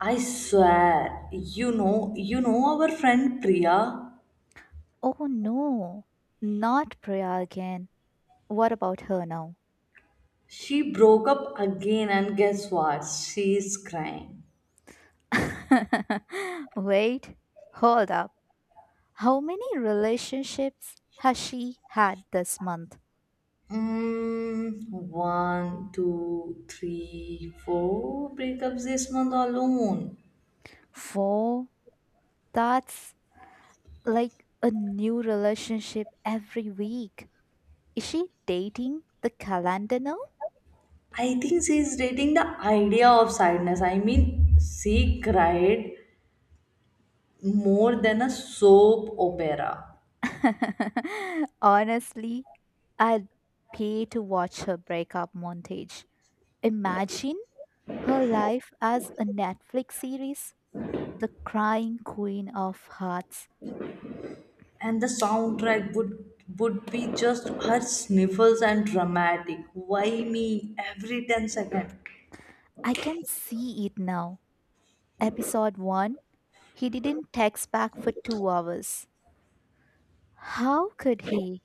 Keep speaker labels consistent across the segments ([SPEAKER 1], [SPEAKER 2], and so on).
[SPEAKER 1] I swear, you know our friend Priya?
[SPEAKER 2] Oh no, not Priya again. What about her now?
[SPEAKER 1] She broke up again, and guess what? She's crying.
[SPEAKER 2] Wait, hold up. How many relationships has she had this month?
[SPEAKER 1] One, two, three, four breakups this month alone.
[SPEAKER 2] Four? That's like a new relationship every week. Is she dating the calendar now?
[SPEAKER 1] I think she's dating the idea of sadness. I mean, she cried more than a soap opera.
[SPEAKER 2] Honestly, I'd pay to watch her breakup montage. Imagine her life as a Netflix series, The Crying Queen of Hearts.
[SPEAKER 1] And the soundtrack would be just her sniffles and dramatic "why me" every 10 second.
[SPEAKER 2] I can see it now. Episode 1. He didn't text back for 2 hours. How could he?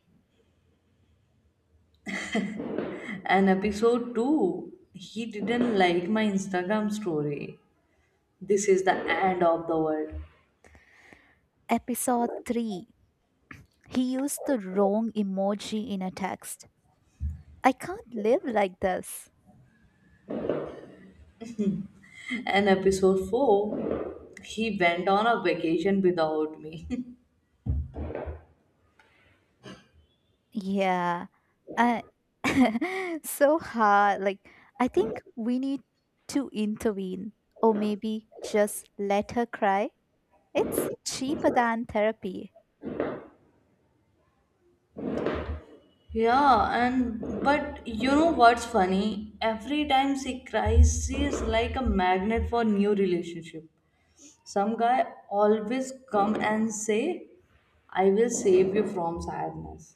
[SPEAKER 1] And episode 2, he didn't like my Instagram story. This is the end of the world.
[SPEAKER 2] Episode 3. He used the wrong emoji in a text. I can't live like this.
[SPEAKER 1] And episode 4, he went on a vacation without me.
[SPEAKER 2] Yeah. I so hard. I think we need to intervene, or maybe just let her cry. It's cheaper than therapy.
[SPEAKER 1] Yeah. And but you know what's funny, every time she cries she is like a magnet for new relationship. Some guy always come and say, "I will save you from sadness."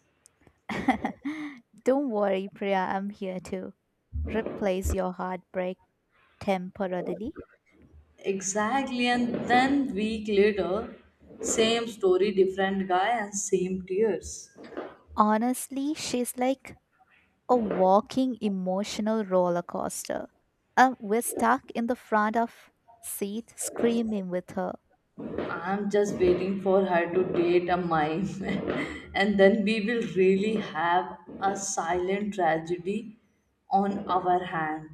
[SPEAKER 2] Don't worry, Priya, I'm here to replace your heartbreak temporarily.
[SPEAKER 1] Exactly, and then week later, same story, different guy and same tears.
[SPEAKER 2] Honestly, she's like a walking emotional roller coaster. We're stuck in the front of seat screaming with her.
[SPEAKER 1] I'm just waiting for her to date a mime, and then we will really have a silent tragedy on our hand.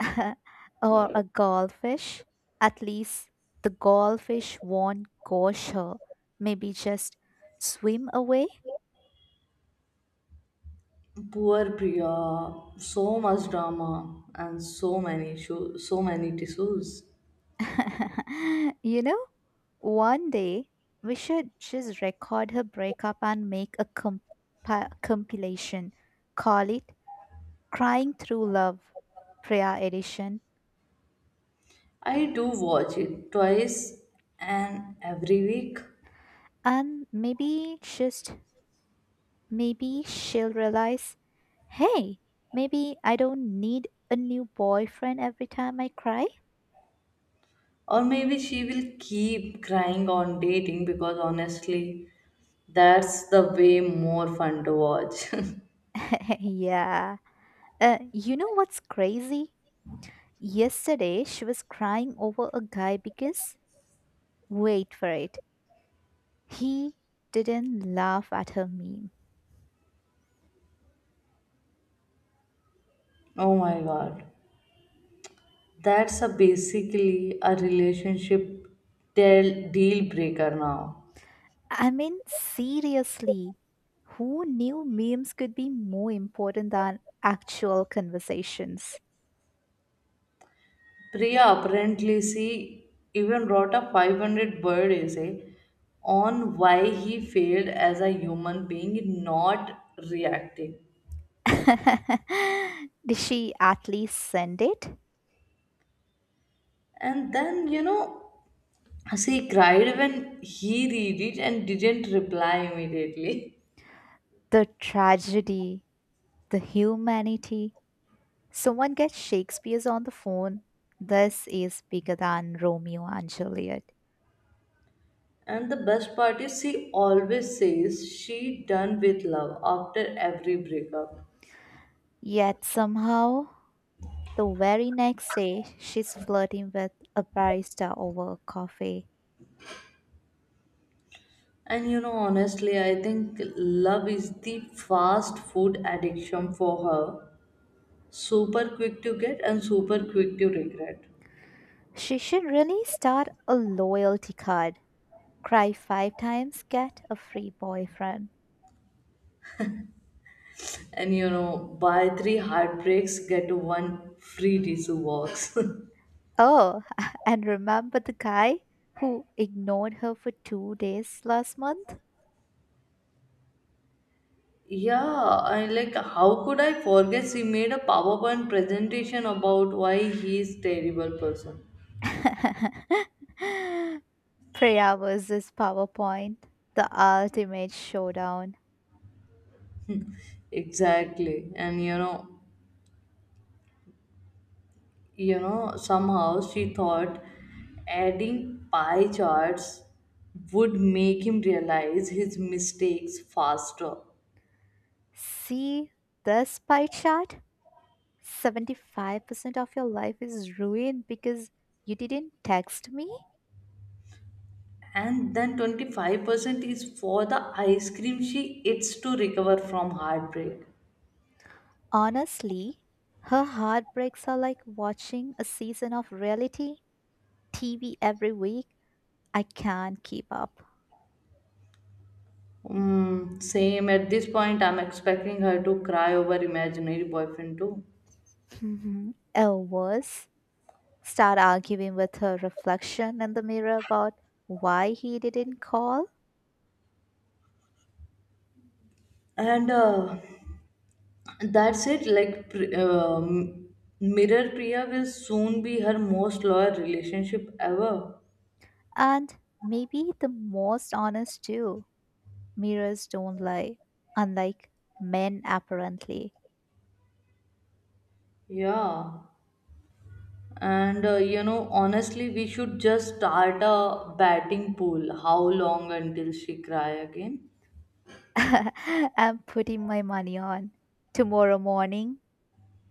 [SPEAKER 2] Or a goldfish. At least the goldfish won't gosh her. Maybe just swim away.
[SPEAKER 1] Poor Priya, so much drama and so many issues, so many tissues.
[SPEAKER 2] you know, One day we should just record her breakup and make a compilation. Call it Crying Through Love, Priya Edition.
[SPEAKER 1] I do watch it twice and every week.
[SPEAKER 2] And maybe, just maybe, she'll realize, hey, maybe I don't need a new boyfriend every time I cry.
[SPEAKER 1] Or maybe she will keep crying on dating because honestly, that's the way more fun to watch.
[SPEAKER 2] Yeah. You know what's crazy? Yesterday, she was crying over a guy because, wait for it, he didn't laugh at her meme.
[SPEAKER 1] Oh my god. That's a basically a relationship deal breaker now.
[SPEAKER 2] I mean, seriously, who knew memes could be more important than actual conversations?
[SPEAKER 1] Priya apparently she even wrote a 500 word essay on why he failed as a human being not reacting.
[SPEAKER 2] Did she at least send it?
[SPEAKER 1] And then, she cried when he read it and didn't reply immediately.
[SPEAKER 2] The tragedy, the humanity. Someone gets Shakespeare's on the phone. This is bigger than Romeo and Juliet.
[SPEAKER 1] And the best part is she always says she done with love after every breakup.
[SPEAKER 2] Yet somehow, the very next day, she's flirting with a barista over a coffee.
[SPEAKER 1] And you know, honestly, I think love is the fast food addiction for her. Super quick to get and super quick to regret.
[SPEAKER 2] She should really start a loyalty card. Cry five times, get a free boyfriend.
[SPEAKER 1] And you know, buy three heartbreaks, get one free tissue box.
[SPEAKER 2] Oh, and remember the guy who ignored her for 2 days last month?
[SPEAKER 1] Yeah, I like how could I forget, she made a PowerPoint presentation about why he is terrible person.
[SPEAKER 2] Priya versus PowerPoint, the ultimate showdown.
[SPEAKER 1] Exactly. And somehow she thought adding pie charts would make him realize his mistakes faster.
[SPEAKER 2] See this pie chart? 75% of your life is ruined because you didn't text me?
[SPEAKER 1] And then 25% is for the ice cream she eats to recover from heartbreak.
[SPEAKER 2] Honestly, her heartbreaks are like watching a season of reality TV every week. I can't keep up.
[SPEAKER 1] Mm, same. At this point, I'm expecting her to cry over imaginary boyfriend too.
[SPEAKER 2] Mhm. Or worse, start arguing with her reflection in the mirror about why he didn't call.
[SPEAKER 1] And That's it. Mirror Priya will soon be her most loyal relationship ever.
[SPEAKER 2] And maybe the most honest too. Mirrors don't lie, unlike men apparently.
[SPEAKER 1] Yeah. And You know, honestly, we should just start a batting pool. How long until she cry again?
[SPEAKER 2] I'm putting my money on. Tomorrow morning,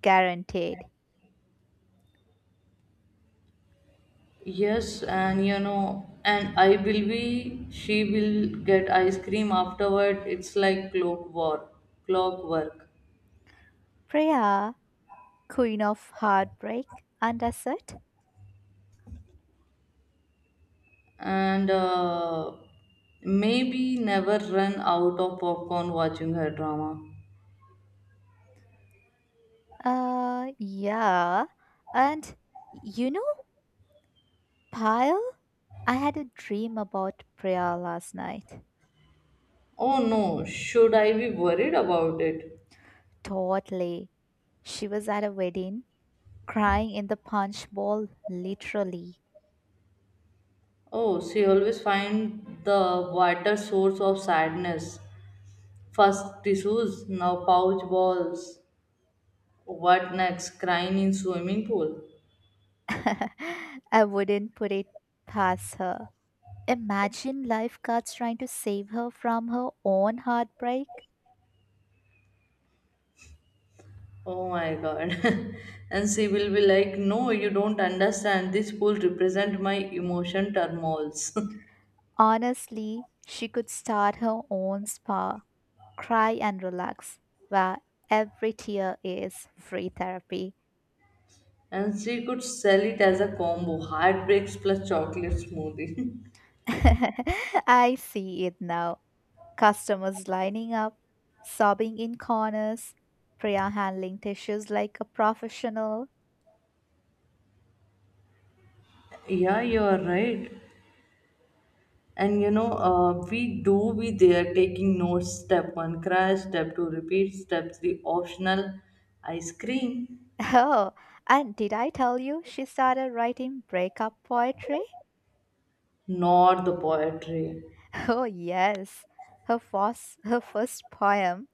[SPEAKER 2] guaranteed.
[SPEAKER 1] Yes, and you know, and she will get ice cream afterward. It's like clockwork, clockwork,
[SPEAKER 2] Priya. Queen of Heartbreak, and I said,
[SPEAKER 1] and maybe never run out of popcorn watching her drama.
[SPEAKER 2] yeah. And you know, Pyle, I had a dream about Priya last night.
[SPEAKER 1] Oh no, should I be worried about it?
[SPEAKER 2] Totally. She was at a wedding, crying in the punch bowl, literally.
[SPEAKER 1] Oh, she always find the water source of sadness. First tissues, now pouch balls. What next? Crying in swimming pool.
[SPEAKER 2] I wouldn't put it past her. Imagine lifeguards trying to save her from her own heartbreak.
[SPEAKER 1] Oh my god. And she will be like, "No, you don't understand. This pool represent my emotion turmoils."
[SPEAKER 2] Honestly, she could start her own spa, Cry and Relax, where every tear is free therapy.
[SPEAKER 1] And she could sell it as a combo, heartbreaks plus chocolate smoothie.
[SPEAKER 2] I see it now. Customers lining up, sobbing in corners, Priya handling tissues like a professional.
[SPEAKER 1] Yeah, you are right. And you know, we do be there taking notes: step one, crash; step two, repeat; step three, optional ice cream.
[SPEAKER 2] Oh, and did I tell you she started writing breakup poetry?
[SPEAKER 1] Not the poetry.
[SPEAKER 2] Oh, yes. Her first poem,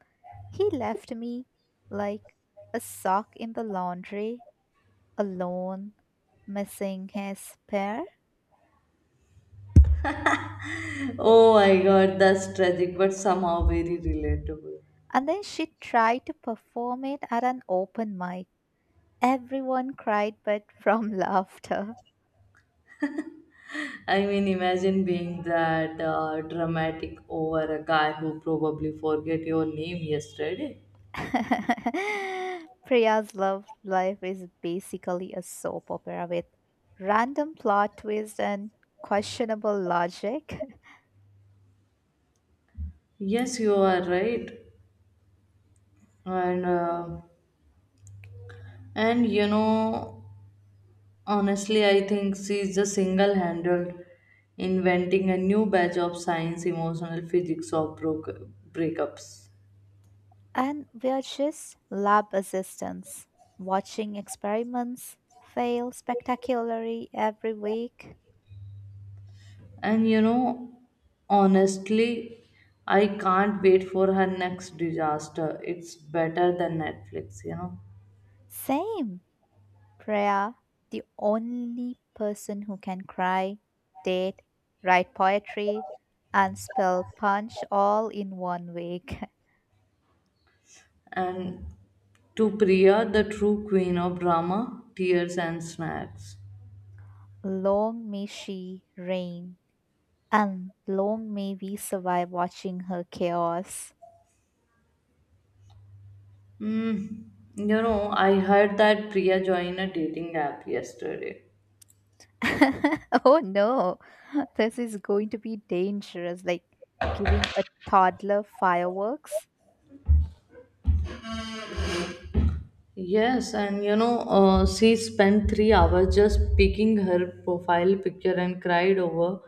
[SPEAKER 2] He Left Me Like a Sock in the Laundry. Alone, missing his pair.
[SPEAKER 1] Oh my god, that's tragic, but somehow very relatable.
[SPEAKER 2] And then she tried to perform it at an open mic. Everyone cried but from laughter.
[SPEAKER 1] I mean, imagine being that dramatic over a guy who probably forget your name yesterday.
[SPEAKER 2] Priya's love life is basically a soap opera with random plot twists and questionable logic.
[SPEAKER 1] Yes, you are right, and uh, and you know, honestly, I think she's just single-handed inventing a new batch of science, emotional physics of breakups.
[SPEAKER 2] And we are just lab assistants watching experiments fail spectacularly every week.
[SPEAKER 1] And you know, honestly, I can't wait for her next disaster. It's better than Netflix, you know.
[SPEAKER 2] Same. Priya, the only person who can cry, date, write poetry, and spell punch all in 1 week.
[SPEAKER 1] And to Priya, the true queen of drama, tears, and snacks.
[SPEAKER 2] Long may she reign, and long may we survive watching her chaos.
[SPEAKER 1] Mm, you know, I heard that Priya joined a dating app yesterday.
[SPEAKER 2] Oh no, this is going to be dangerous, like giving a toddler fireworks.
[SPEAKER 1] Yes, and you know, she spent 3 hours just picking her profile picture and cried over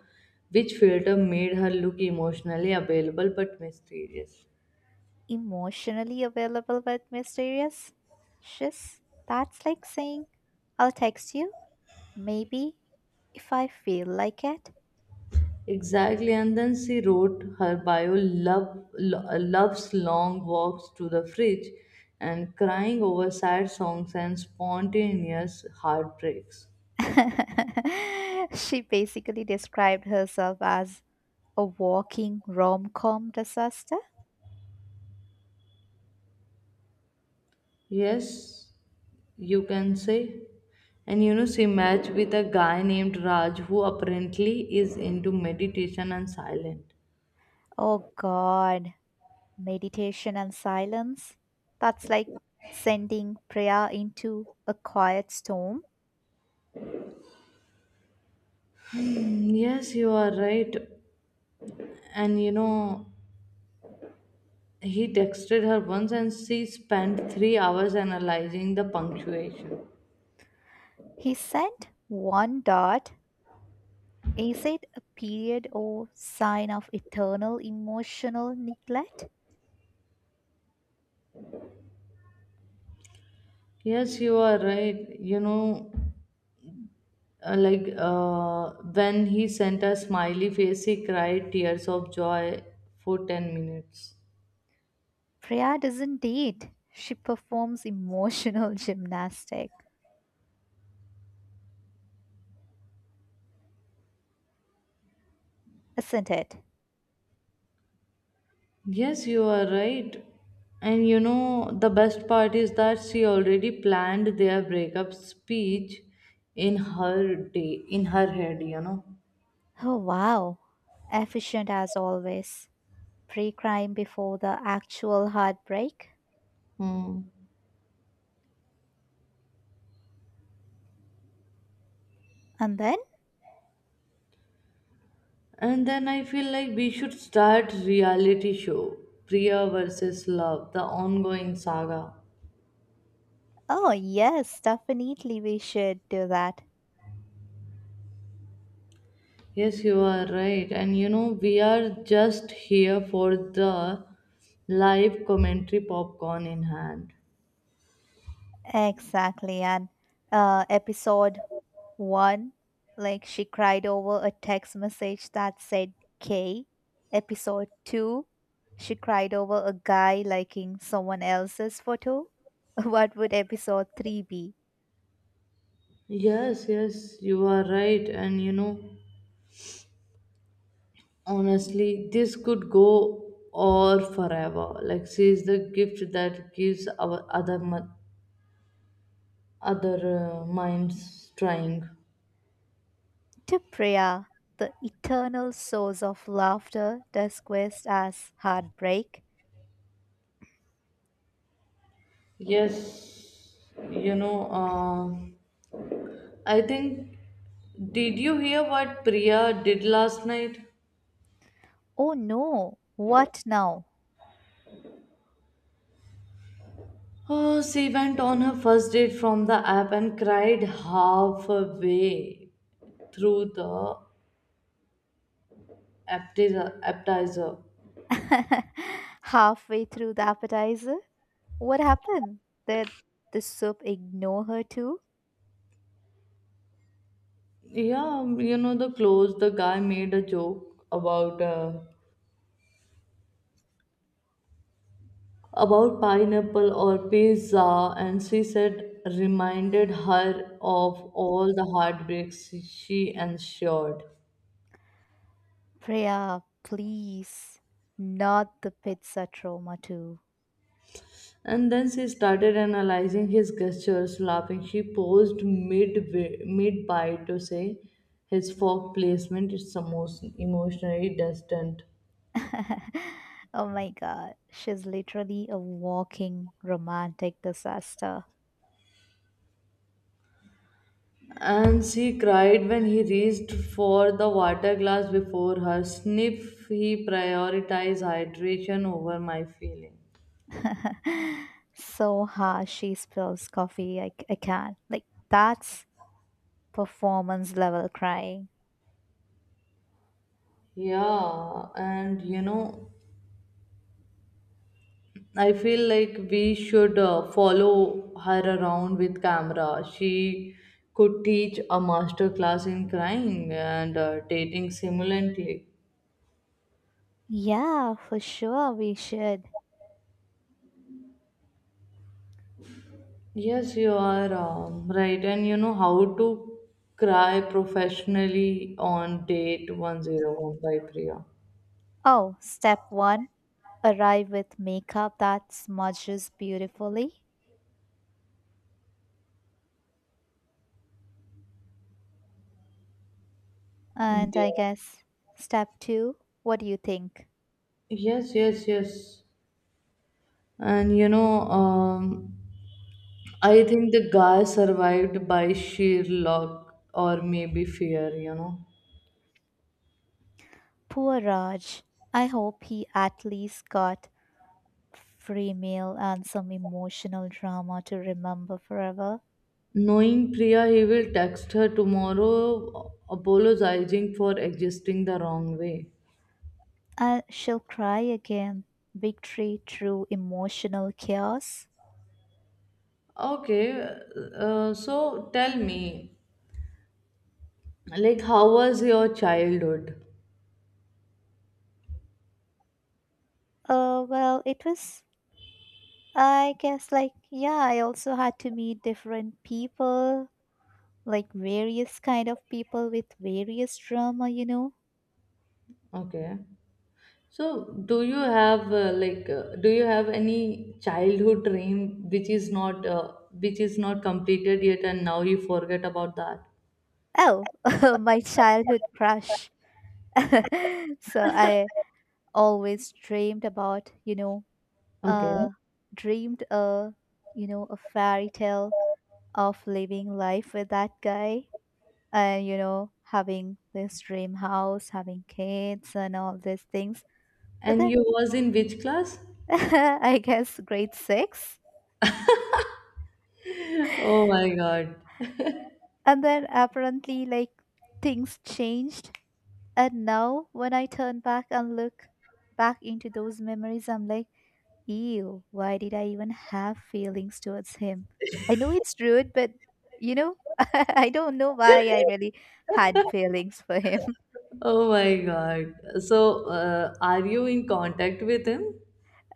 [SPEAKER 1] which filter made her look emotionally available but mysterious.
[SPEAKER 2] Emotionally available but mysterious? Shiz, that's like saying, I'll text you maybe if I feel like it.
[SPEAKER 1] Exactly, and then she wrote her bio: love, loves long walks to the fridge and crying over sad songs and spontaneous heartbreaks.
[SPEAKER 2] She basically described herself as a walking rom com disaster.
[SPEAKER 1] Yes, you can say. And you know, she matched with a guy named Raj who apparently is into meditation and silent.
[SPEAKER 2] Oh God, meditation and silence. That's like sending prayer into a quiet storm.
[SPEAKER 1] Yes, you are right. And you know, he texted her once and she spent 3 hours analyzing the punctuation.
[SPEAKER 2] He sent one dot. Is it a period or sign of eternal emotional neglect?
[SPEAKER 1] Yes, you are right. You know, when he sent a smiley face, he cried tears of joy for 10 minutes.
[SPEAKER 2] Prayer doesn't date. She performs emotional gymnastic. Isn't it?
[SPEAKER 1] Yes, you are right. And you know, the best part is that she already planned their breakup speech in her day, in her head, you know.
[SPEAKER 2] Oh, wow. Efficient as always. Pre crime before the actual heartbreak.
[SPEAKER 1] Hmm.
[SPEAKER 2] And then?
[SPEAKER 1] And then I feel like we should start reality show, Priya versus Love, the ongoing saga.
[SPEAKER 2] Oh, yes, definitely we should do that.
[SPEAKER 1] Yes, you are right. And you know, we are just here for the live commentary popcorn in hand.
[SPEAKER 2] Exactly. And episode one, like she cried over a text message that said K. Episode two, she cried over a guy liking someone else's photo. What would episode three be?
[SPEAKER 1] Yes, you are right. And you know, honestly, this could go on forever. Like, she is the gift that gives our other minds trying.
[SPEAKER 2] To prayer, the eternal source of laughter, does quest as heartbreak.
[SPEAKER 1] Yes, you know, I think. Did you hear what Priya did last night?
[SPEAKER 2] Oh no, what now?
[SPEAKER 1] Oh, she went on her first date from the app and cried halfway through the appetizer.
[SPEAKER 2] Halfway through the appetizer? What happened? Did the soup ignore her too?
[SPEAKER 1] Yeah, you know the clothes. The guy made a joke about pineapple or pizza, and she said reminded her of all the heartbreaks she endured.
[SPEAKER 2] Priya, please. Not the pizza trauma too.
[SPEAKER 1] And then she started analyzing his gestures, laughing. She paused mid bite to say, "His fork placement is emotionally distant."
[SPEAKER 2] Oh my god, she's literally a walking romantic disaster.
[SPEAKER 1] And she cried when he reached for the water glass before her. Sniff. He prioritized hydration over my feeling.
[SPEAKER 2] So harsh she spills coffee. I can't. That's performance level crying.
[SPEAKER 1] Yeah, and you know, I feel like we should follow her around with camera. She could teach a master class in crying and dating simultaneously.
[SPEAKER 2] Yeah, for sure we should.
[SPEAKER 1] Yes, you are right. And you know how to cry professionally on date 101 by Priya.
[SPEAKER 2] Oh, step one, arrive with makeup that smudges beautifully.
[SPEAKER 1] Yeah.
[SPEAKER 2] And I
[SPEAKER 1] Yeah.
[SPEAKER 2] guess step two, what do you think?
[SPEAKER 1] Yes. And you know, I think the guy survived by sheer luck or maybe fear, you know.
[SPEAKER 2] Poor Raj. I hope he at least got free meal and some emotional drama to remember forever.
[SPEAKER 1] Knowing Priya, he will text her tomorrow apologizing for existing the wrong way.
[SPEAKER 2] I shall cry again. Victory through emotional chaos.
[SPEAKER 1] Okay, so tell me, like, how was your childhood?
[SPEAKER 2] Well, it was, I guess, like, Yeah, I also had to meet different people, like various kind of people with various drama, you know.
[SPEAKER 1] Okay, so do you have do you have any childhood dream which is not completed yet, and now you forget about that?
[SPEAKER 2] Oh, my childhood crush. So I always dreamed about, you know,
[SPEAKER 1] Okay,
[SPEAKER 2] uh, dreamed a, you know, a fairy tale of living life with that guy, and you know, having this dream house, having kids and all these things. But
[SPEAKER 1] and
[SPEAKER 2] then
[SPEAKER 1] you was in which class?
[SPEAKER 2] I guess grade 6.
[SPEAKER 1] Oh my God.
[SPEAKER 2] And then apparently, like, things changed, and now when I turn back and look back into those memories, I'm like, ew, why did I even have feelings towards him? I know it's rude, but you know, I don't know why I really had feelings for him.
[SPEAKER 1] Oh my God. So, are you in contact with him?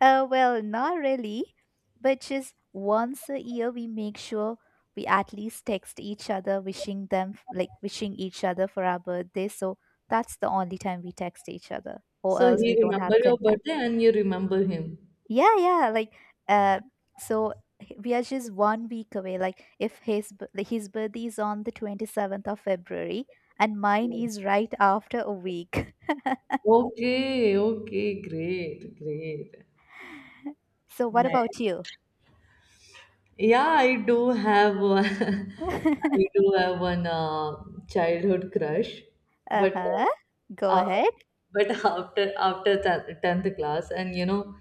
[SPEAKER 2] Not really, but just once a year we make sure we at least text each other wishing them like wishing each other for our birthday. So that's the only time we text each other, or
[SPEAKER 1] So
[SPEAKER 2] else we
[SPEAKER 1] he
[SPEAKER 2] don't have
[SPEAKER 1] remember your
[SPEAKER 2] contact.
[SPEAKER 1] birthday and you remember him.
[SPEAKER 2] Yeah, yeah, like uh so we are just 1 week away. Like if his birthday is on the 27th of February, and mine is right after a week.
[SPEAKER 1] Okay, okay, great, great.
[SPEAKER 2] So what
[SPEAKER 1] Nice.
[SPEAKER 2] about you?
[SPEAKER 1] Yeah, I do have one, I do have one uh, childhood crush, but
[SPEAKER 2] Uh-huh. Go
[SPEAKER 1] uh, af-
[SPEAKER 2] ahead.
[SPEAKER 1] after 10th class, and you know,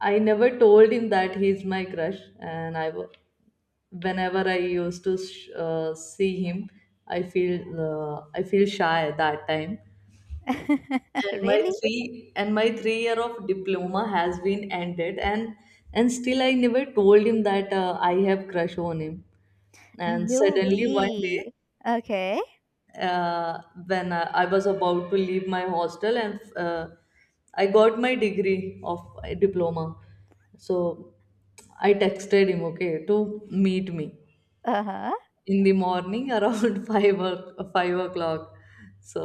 [SPEAKER 1] I never told him that he's my crush, and I was whenever I used to see him, I feel I feel shy at that time. and my
[SPEAKER 2] Really?
[SPEAKER 1] three and my 3 year of diploma has been ended and still I never told him that I have crush on him. And suddenly one day
[SPEAKER 2] Newbie, okay.
[SPEAKER 1] uh, when I was about to leave my hostel and I got my degree of diploma. So I texted him okay to meet me
[SPEAKER 2] Uh-huh.
[SPEAKER 1] in the morning around 5 o'clock. So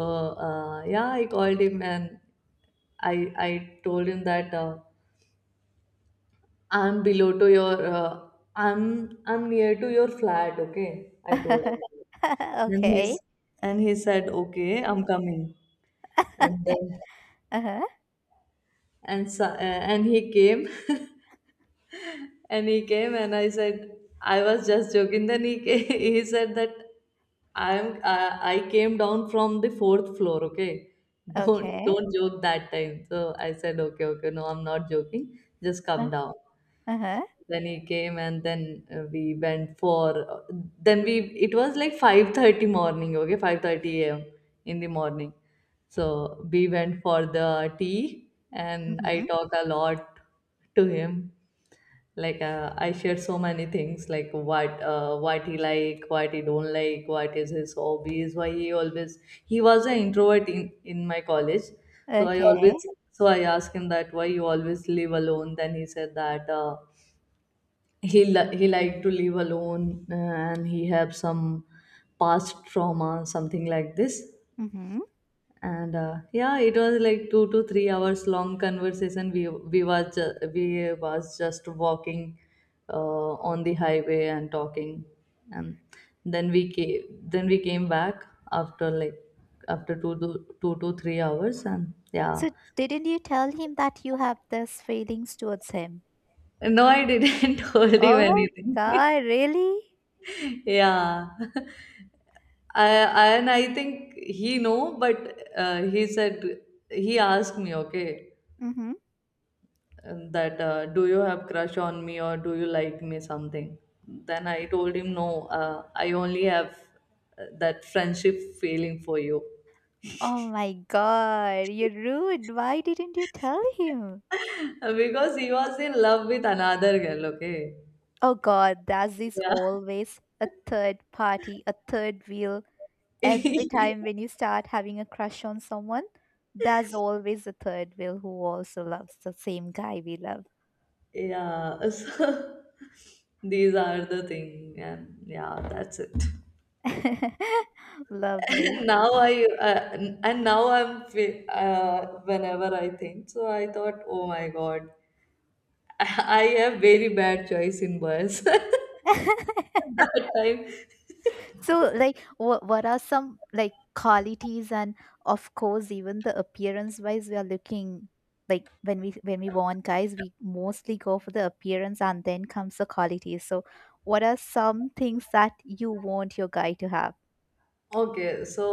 [SPEAKER 1] yeah, I called him and I told him that I'm below to your, I'm near to your flat. Okay, I told him that.
[SPEAKER 2] Okay.
[SPEAKER 1] And he said okay, I'm coming, and then
[SPEAKER 2] Uh-huh.
[SPEAKER 1] and he came. And he came and I said, I was just joking. Then he came, he said that I came down from the fourth floor. Okay, don't
[SPEAKER 2] Okay.
[SPEAKER 1] don't joke that time. So I said, okay, okay, no, I'm not joking. Just
[SPEAKER 2] Uh,
[SPEAKER 1] come down.
[SPEAKER 2] uh-huh.
[SPEAKER 1] Then he came and then we went for. Then we it was like 5:30 morning. Okay, 5:30 a.m. in the morning. So we went for the tea, and I
[SPEAKER 2] Mm-hmm.
[SPEAKER 1] talked a lot to him, like, I shared so many things, like what he like, what he don't like, what is his hobbies, why he always, he was an introvert in my college. So I
[SPEAKER 2] Okay.
[SPEAKER 1] always, so I asked him that why you always live alone. Then he said that he liked to live alone, and he have some past trauma, something like this.
[SPEAKER 2] Mm-hmm.
[SPEAKER 1] And yeah, it was like 2 to 3 hours long conversation. We was just walking on the highway and talking. And then we came, then we came back after like, after two to three hours, and yeah.
[SPEAKER 2] So didn't you tell him that you have these feelings towards him?
[SPEAKER 1] No, I didn't told him
[SPEAKER 2] Oh my
[SPEAKER 1] anything.
[SPEAKER 2] God, really?
[SPEAKER 1] Yeah. I, and I think he know, but he said, he asked me, okay,
[SPEAKER 2] Mm-hmm.
[SPEAKER 1] and that, do you have crush on me, or do you like me, something. Then I told him, no, I only have that friendship feeling for you.
[SPEAKER 2] Oh my God, you're rude. Why didn't you tell him?
[SPEAKER 1] Because he was in love with another girl, okay.
[SPEAKER 2] Oh God, that is
[SPEAKER 1] Yeah.
[SPEAKER 2] always a third party, a third wheel every time when you start having a crush on someone, there's always a third wheel who also loves the same guy we love.
[SPEAKER 1] Yeah, so, these are the thing, and yeah, that's it.
[SPEAKER 2] Lovely.
[SPEAKER 1] And now I and now I'm whenever I think, so I thought, oh my God. I have very bad choice in boys. That time.
[SPEAKER 2] So, like, what are some like qualities, and of course, even the appearance wise, we are looking, like when we want guys, we mostly go for the appearance, and then comes the qualities. So, what are some things that you want your guy to have?
[SPEAKER 1] Okay, so,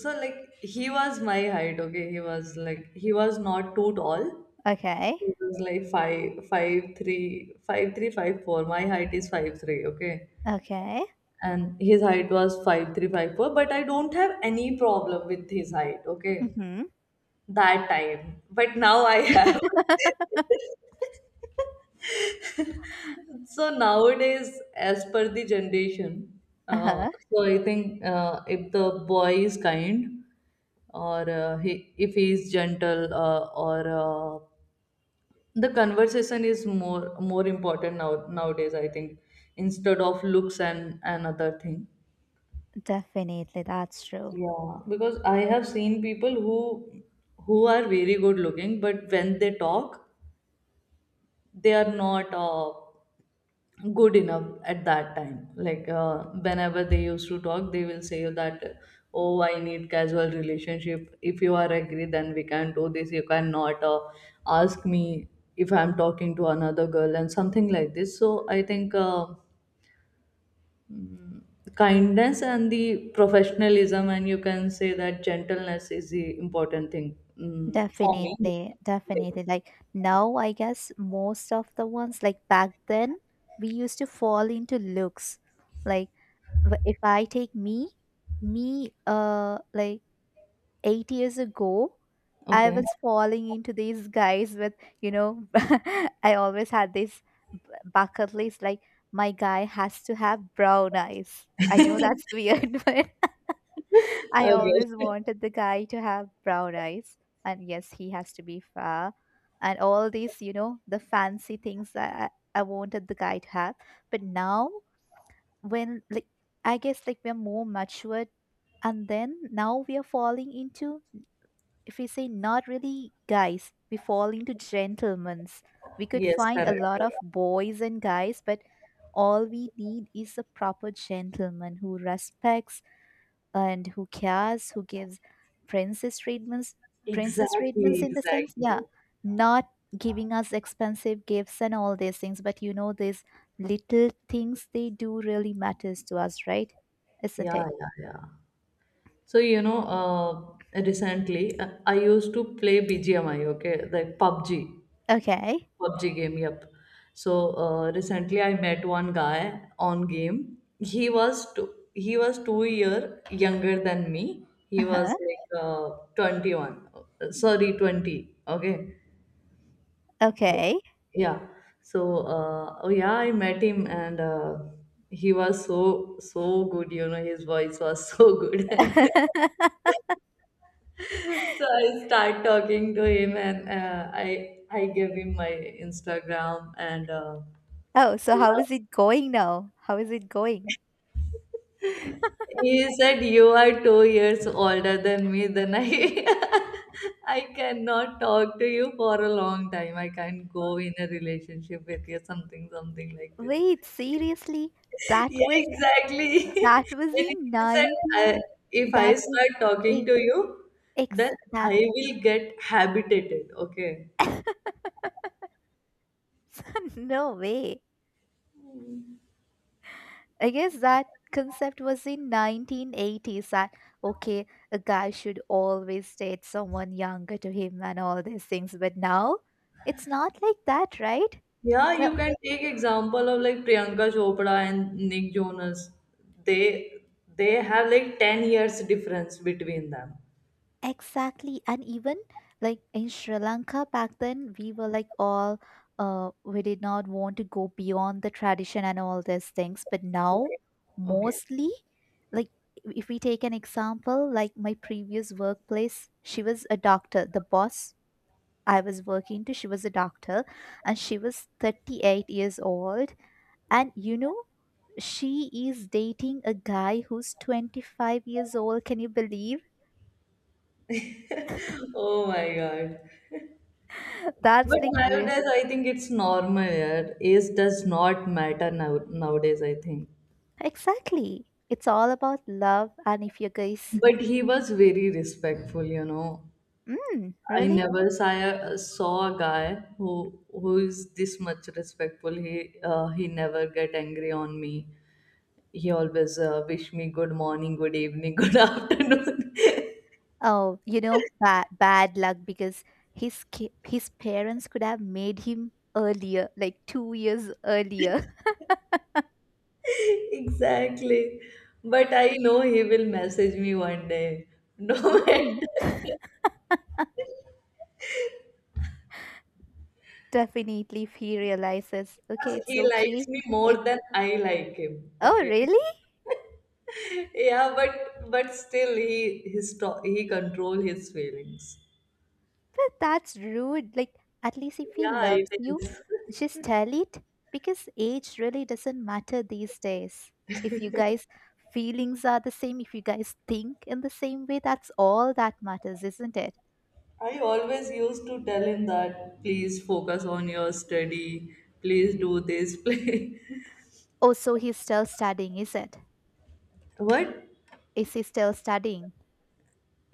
[SPEAKER 1] so like, he was my height, okay. He was like, he was not too tall.
[SPEAKER 2] Okay.
[SPEAKER 1] He was like five five three five three five four. My height is five three, okay.
[SPEAKER 2] Okay.
[SPEAKER 1] And his height was five three five four, but I don't have any problem with his height, okay,
[SPEAKER 2] Mm-hmm.
[SPEAKER 1] that time. But now I have. So nowadays, as per the generation, uh, so I think, if the boy is kind, or he, if he is gentle, or the conversation is more important now nowadays, I think, instead of looks and another thing.
[SPEAKER 2] Definitely, that's true.
[SPEAKER 1] Yeah, because I have seen people who are very good looking, but when they talk, they are not good enough at that time, like whenever they used to talk, they will say that, oh, I need casual relationship, if you are agree then we can do this, you cannot ask me if I'm talking to another girl, and something like this. So I think mm, kindness and the professionalism and you can say that gentleness is the important thing, for me.
[SPEAKER 2] Definitely, definitely. Like now, I guess most of the ones, like back then, we used to fall into looks. Like if I take me, like 8 years ago, I
[SPEAKER 1] Okay.
[SPEAKER 2] was falling into these guys with, you know, I always had this b- bucket list, like my guy has to have brown eyes. I know that's weird, but. I always
[SPEAKER 1] Okay.
[SPEAKER 2] wanted the guy to have brown eyes. And yes, he has to be fair. And all these, you know, the fancy things that I wanted the guy to have. But now, when, like, I guess, like, we're more matured. And then now we are falling into, if we say not really guys, we fall into gentlemen's. We could
[SPEAKER 1] Yes,
[SPEAKER 2] find a
[SPEAKER 1] correct.
[SPEAKER 2] lot of boys and guys, but all we need is a proper gentleman who respects and who cares, who gives princess treatments, princess treatments
[SPEAKER 1] Exactly,
[SPEAKER 2] in the sense,
[SPEAKER 1] exactly.
[SPEAKER 2] yeah, not giving us expensive gifts and all these things. But you know, these little things they do really matters to us, right? Isn't
[SPEAKER 1] Yeah,
[SPEAKER 2] it?
[SPEAKER 1] yeah, yeah. So, recently I used to play BGMI, okay, like PUBG,
[SPEAKER 2] Okay.
[SPEAKER 1] PUBG game, yep. So, recently I met one guy on game. He was two, he was 2 year younger than me. He was
[SPEAKER 2] Uh-huh.
[SPEAKER 1] like 21, sorry, 20, okay.
[SPEAKER 2] Okay.
[SPEAKER 1] Yeah. So oh yeah, I met him, and he was so, so good, you know. His voice was so good. So I start talking to him, and I gave him my Instagram, and
[SPEAKER 2] Oh, so how is it going now? How is it going?
[SPEAKER 1] he said, you are 2 years older than me, then I, I cannot talk to you for a long time, I can't go in a relationship with you, something, something like this.
[SPEAKER 2] Wait, seriously? That
[SPEAKER 1] Yeah,
[SPEAKER 2] was
[SPEAKER 1] exactly.
[SPEAKER 2] that was
[SPEAKER 1] And
[SPEAKER 2] in
[SPEAKER 1] he said,
[SPEAKER 2] 19
[SPEAKER 1] I, if I
[SPEAKER 2] that was
[SPEAKER 1] start
[SPEAKER 2] a
[SPEAKER 1] talking to you, then
[SPEAKER 2] ex that
[SPEAKER 1] I will get habitated. Okay.
[SPEAKER 2] No way. I guess that concept was in 1980s that, okay, a guy should always date someone younger to him and all these things, but now it's not like that, right?
[SPEAKER 1] Yeah,
[SPEAKER 2] Well,
[SPEAKER 1] you can take example of like Priyanka Chopra and Nick Jonas. They they have like 10 years difference between them.
[SPEAKER 2] exactly, and even like in Sri Lanka back then, we were like all we did not want to go beyond the tradition and all these things, but now
[SPEAKER 1] Okay. Okay.
[SPEAKER 2] mostly, like, if we take an example, like my previous workplace, she was a doctor, the boss I was working to. She was a doctor, and she was 38 years old. And you know, she is dating a guy who's 25 years old. Can you believe?
[SPEAKER 1] Oh my God.
[SPEAKER 2] That's
[SPEAKER 1] But
[SPEAKER 2] like real.
[SPEAKER 1] nowadays, I think it's normal. Yeah, age does not matter now nowadays, I think.
[SPEAKER 2] Exactly. It's all about love. And if you guys,
[SPEAKER 1] But he was very respectful, you know.
[SPEAKER 2] mm,
[SPEAKER 1] I
[SPEAKER 2] really?
[SPEAKER 1] never saw a, saw a guy who is this much respectful. He never get angry on me. He always wish me good morning, good evening, good afternoon.
[SPEAKER 2] Oh, you know, bad luck, because his parents could have made him earlier, like 2 years earlier.
[SPEAKER 1] Exactly. But I know he will message me one day. No matter,
[SPEAKER 2] Mm, definitely, if he realizes, okay, it's
[SPEAKER 1] he
[SPEAKER 2] okay.
[SPEAKER 1] likes me more
[SPEAKER 2] If.
[SPEAKER 1] than I like him,
[SPEAKER 2] Oh,
[SPEAKER 1] okay.
[SPEAKER 2] really?
[SPEAKER 1] Yeah, but still he, his, he control his feelings.
[SPEAKER 2] But that's rude. At least if he
[SPEAKER 1] Yeah, it
[SPEAKER 2] loves you,
[SPEAKER 1] is.
[SPEAKER 2] just tell it, because age really doesn't matter these days. If you guys' feelings are the same, if you guys think in the same way, that's all that matters, isn't it?
[SPEAKER 1] I always used to tell him that, please focus on your study, please do this, play.
[SPEAKER 2] Oh, so he's still studying, is it?
[SPEAKER 1] What?
[SPEAKER 2] Is he still studying?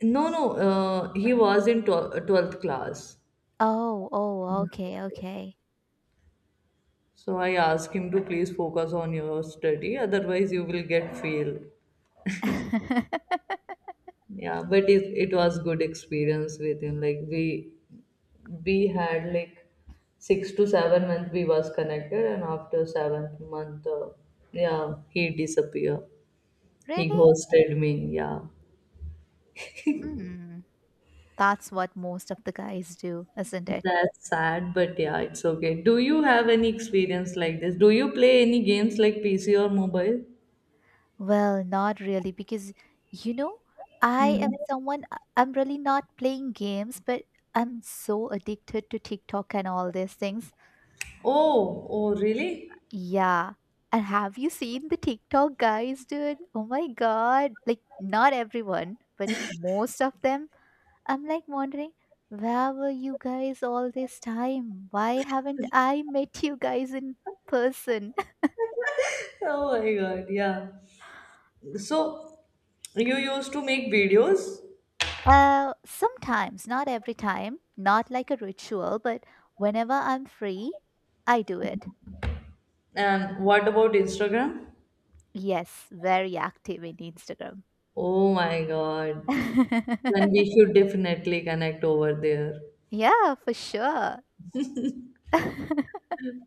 [SPEAKER 1] No, no, he was in 12th class.
[SPEAKER 2] Oh, oh,
[SPEAKER 1] Yeah.
[SPEAKER 2] okay, okay.
[SPEAKER 1] So I asked him to please focus on your study, otherwise you will get fail. Yeah, but it was good experience with him. Like, we had like 6 to 7 month, we was connected, and after seventh month, yeah, he disappeared. He
[SPEAKER 2] Really?
[SPEAKER 1] ghosted me. Yeah.
[SPEAKER 2] Hmm. That's what most of the guys do, isn't it?
[SPEAKER 1] That's sad, but yeah, it's okay. Do you have any experience like this? Do you play any games like PC or mobile?
[SPEAKER 2] Well, not really, because you know, I
[SPEAKER 1] Hmm.
[SPEAKER 2] am someone, I'm really not playing games, but I'm so addicted to TikTok and all these things.
[SPEAKER 1] Oh, oh, really?
[SPEAKER 2] Yeah. And have you seen the TikTok guys, dude? Oh my God. Like, not everyone, but most of them. I'm like wondering, where were you guys all this time? Why haven't I met you guys in person?
[SPEAKER 1] Oh my God, yeah. So, you used to make videos,
[SPEAKER 2] Sometimes, not every time, not like a ritual, but whenever I'm free, I do it.
[SPEAKER 1] and what about Instagram?
[SPEAKER 2] Yes, very active in Instagram.
[SPEAKER 1] Oh my God. Then we should definitely connect over there.
[SPEAKER 2] Yeah, for sure.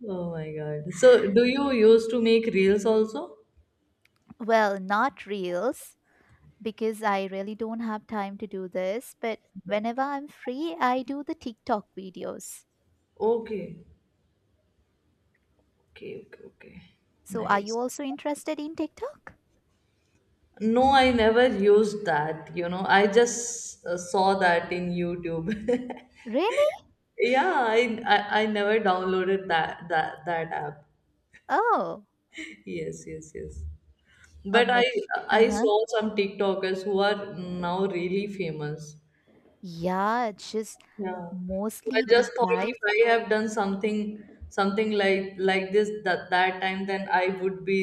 [SPEAKER 1] Oh my God. So, do you used to make reels also?
[SPEAKER 2] Well, not reels, because I really don't have time to do this, but
[SPEAKER 1] Yep.
[SPEAKER 2] whenever I'm free, I do the TikTok videos.
[SPEAKER 1] Okay. Okay, okay, okay.
[SPEAKER 2] So, are you
[SPEAKER 1] Nice.
[SPEAKER 2] also interested in TikTok?
[SPEAKER 1] No, I never used that. You know, I just saw that in YouTube.
[SPEAKER 2] Really?
[SPEAKER 1] Yeah, I never downloaded that app.
[SPEAKER 2] Oh,
[SPEAKER 1] Yes, yes, yes. But
[SPEAKER 2] I'm
[SPEAKER 1] I
[SPEAKER 2] like, uh
[SPEAKER 1] I
[SPEAKER 2] huh.
[SPEAKER 1] saw some TikTokers who are now really famous.
[SPEAKER 2] Yeah, it's just
[SPEAKER 1] Yeah. So I
[SPEAKER 2] mostly the
[SPEAKER 1] just thought,
[SPEAKER 2] guys.
[SPEAKER 1] if I have done something, something like this that that time, then I would be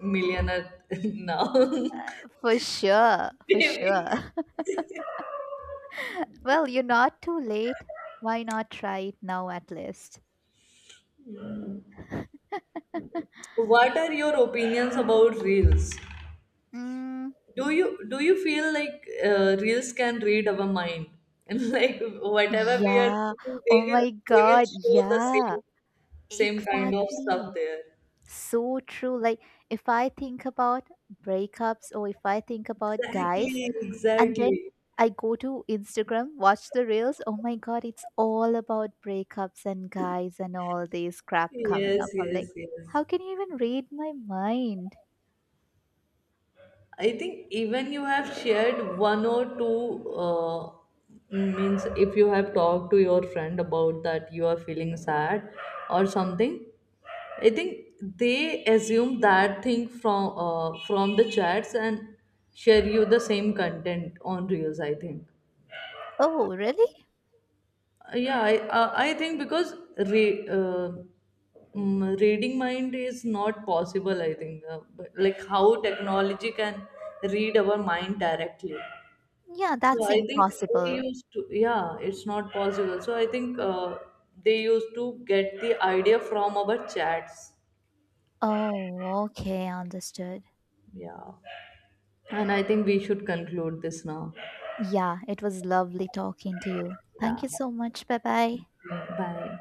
[SPEAKER 1] millionaire now.
[SPEAKER 2] For sure, for
[SPEAKER 1] Maybe.
[SPEAKER 2] sure. Well, you're not too late. Why not try it now at least?
[SPEAKER 1] What are your opinions about reels?
[SPEAKER 2] Mm,
[SPEAKER 1] Do you feel like reels can read our mind, and like whatever we are
[SPEAKER 2] yeah.
[SPEAKER 1] thinking, they
[SPEAKER 2] Oh
[SPEAKER 1] will
[SPEAKER 2] my
[SPEAKER 1] they will
[SPEAKER 2] God.
[SPEAKER 1] show the
[SPEAKER 2] Yeah.
[SPEAKER 1] same kind of stuff
[SPEAKER 2] Exactly.
[SPEAKER 1] there.
[SPEAKER 2] So true. Like, if I think about breakups, or if I think about guys,
[SPEAKER 1] Exactly,
[SPEAKER 2] and then
[SPEAKER 1] exactly.
[SPEAKER 2] I go to Instagram, watch the reels. Oh my God, it's all about breakups and guys and all this crap coming
[SPEAKER 1] Yes,
[SPEAKER 2] up. I'm like,
[SPEAKER 1] yes, yes.
[SPEAKER 2] how can you even read my mind?
[SPEAKER 1] I think even you have shared one or two, means if you have talked to your friend about that you are feeling sad or something, I think they assume that thing from from the chats and share you the same content on reels, I think.
[SPEAKER 2] Oh, really?
[SPEAKER 1] Yeah, I think because reading mind is not possible, I think, but like how technology can read our mind directly.
[SPEAKER 2] Yeah,
[SPEAKER 1] So
[SPEAKER 2] that's
[SPEAKER 1] I think they
[SPEAKER 2] impossible.
[SPEAKER 1] used to, yeah, it's not possible. So I think they used to get the idea from our chats.
[SPEAKER 2] Oh, okay, understood.
[SPEAKER 1] Yeah. And I think we should conclude this now.
[SPEAKER 2] Yeah, it was lovely talking to you. Thank
[SPEAKER 1] Yeah.
[SPEAKER 2] you so much. Bye bye.
[SPEAKER 1] Bye.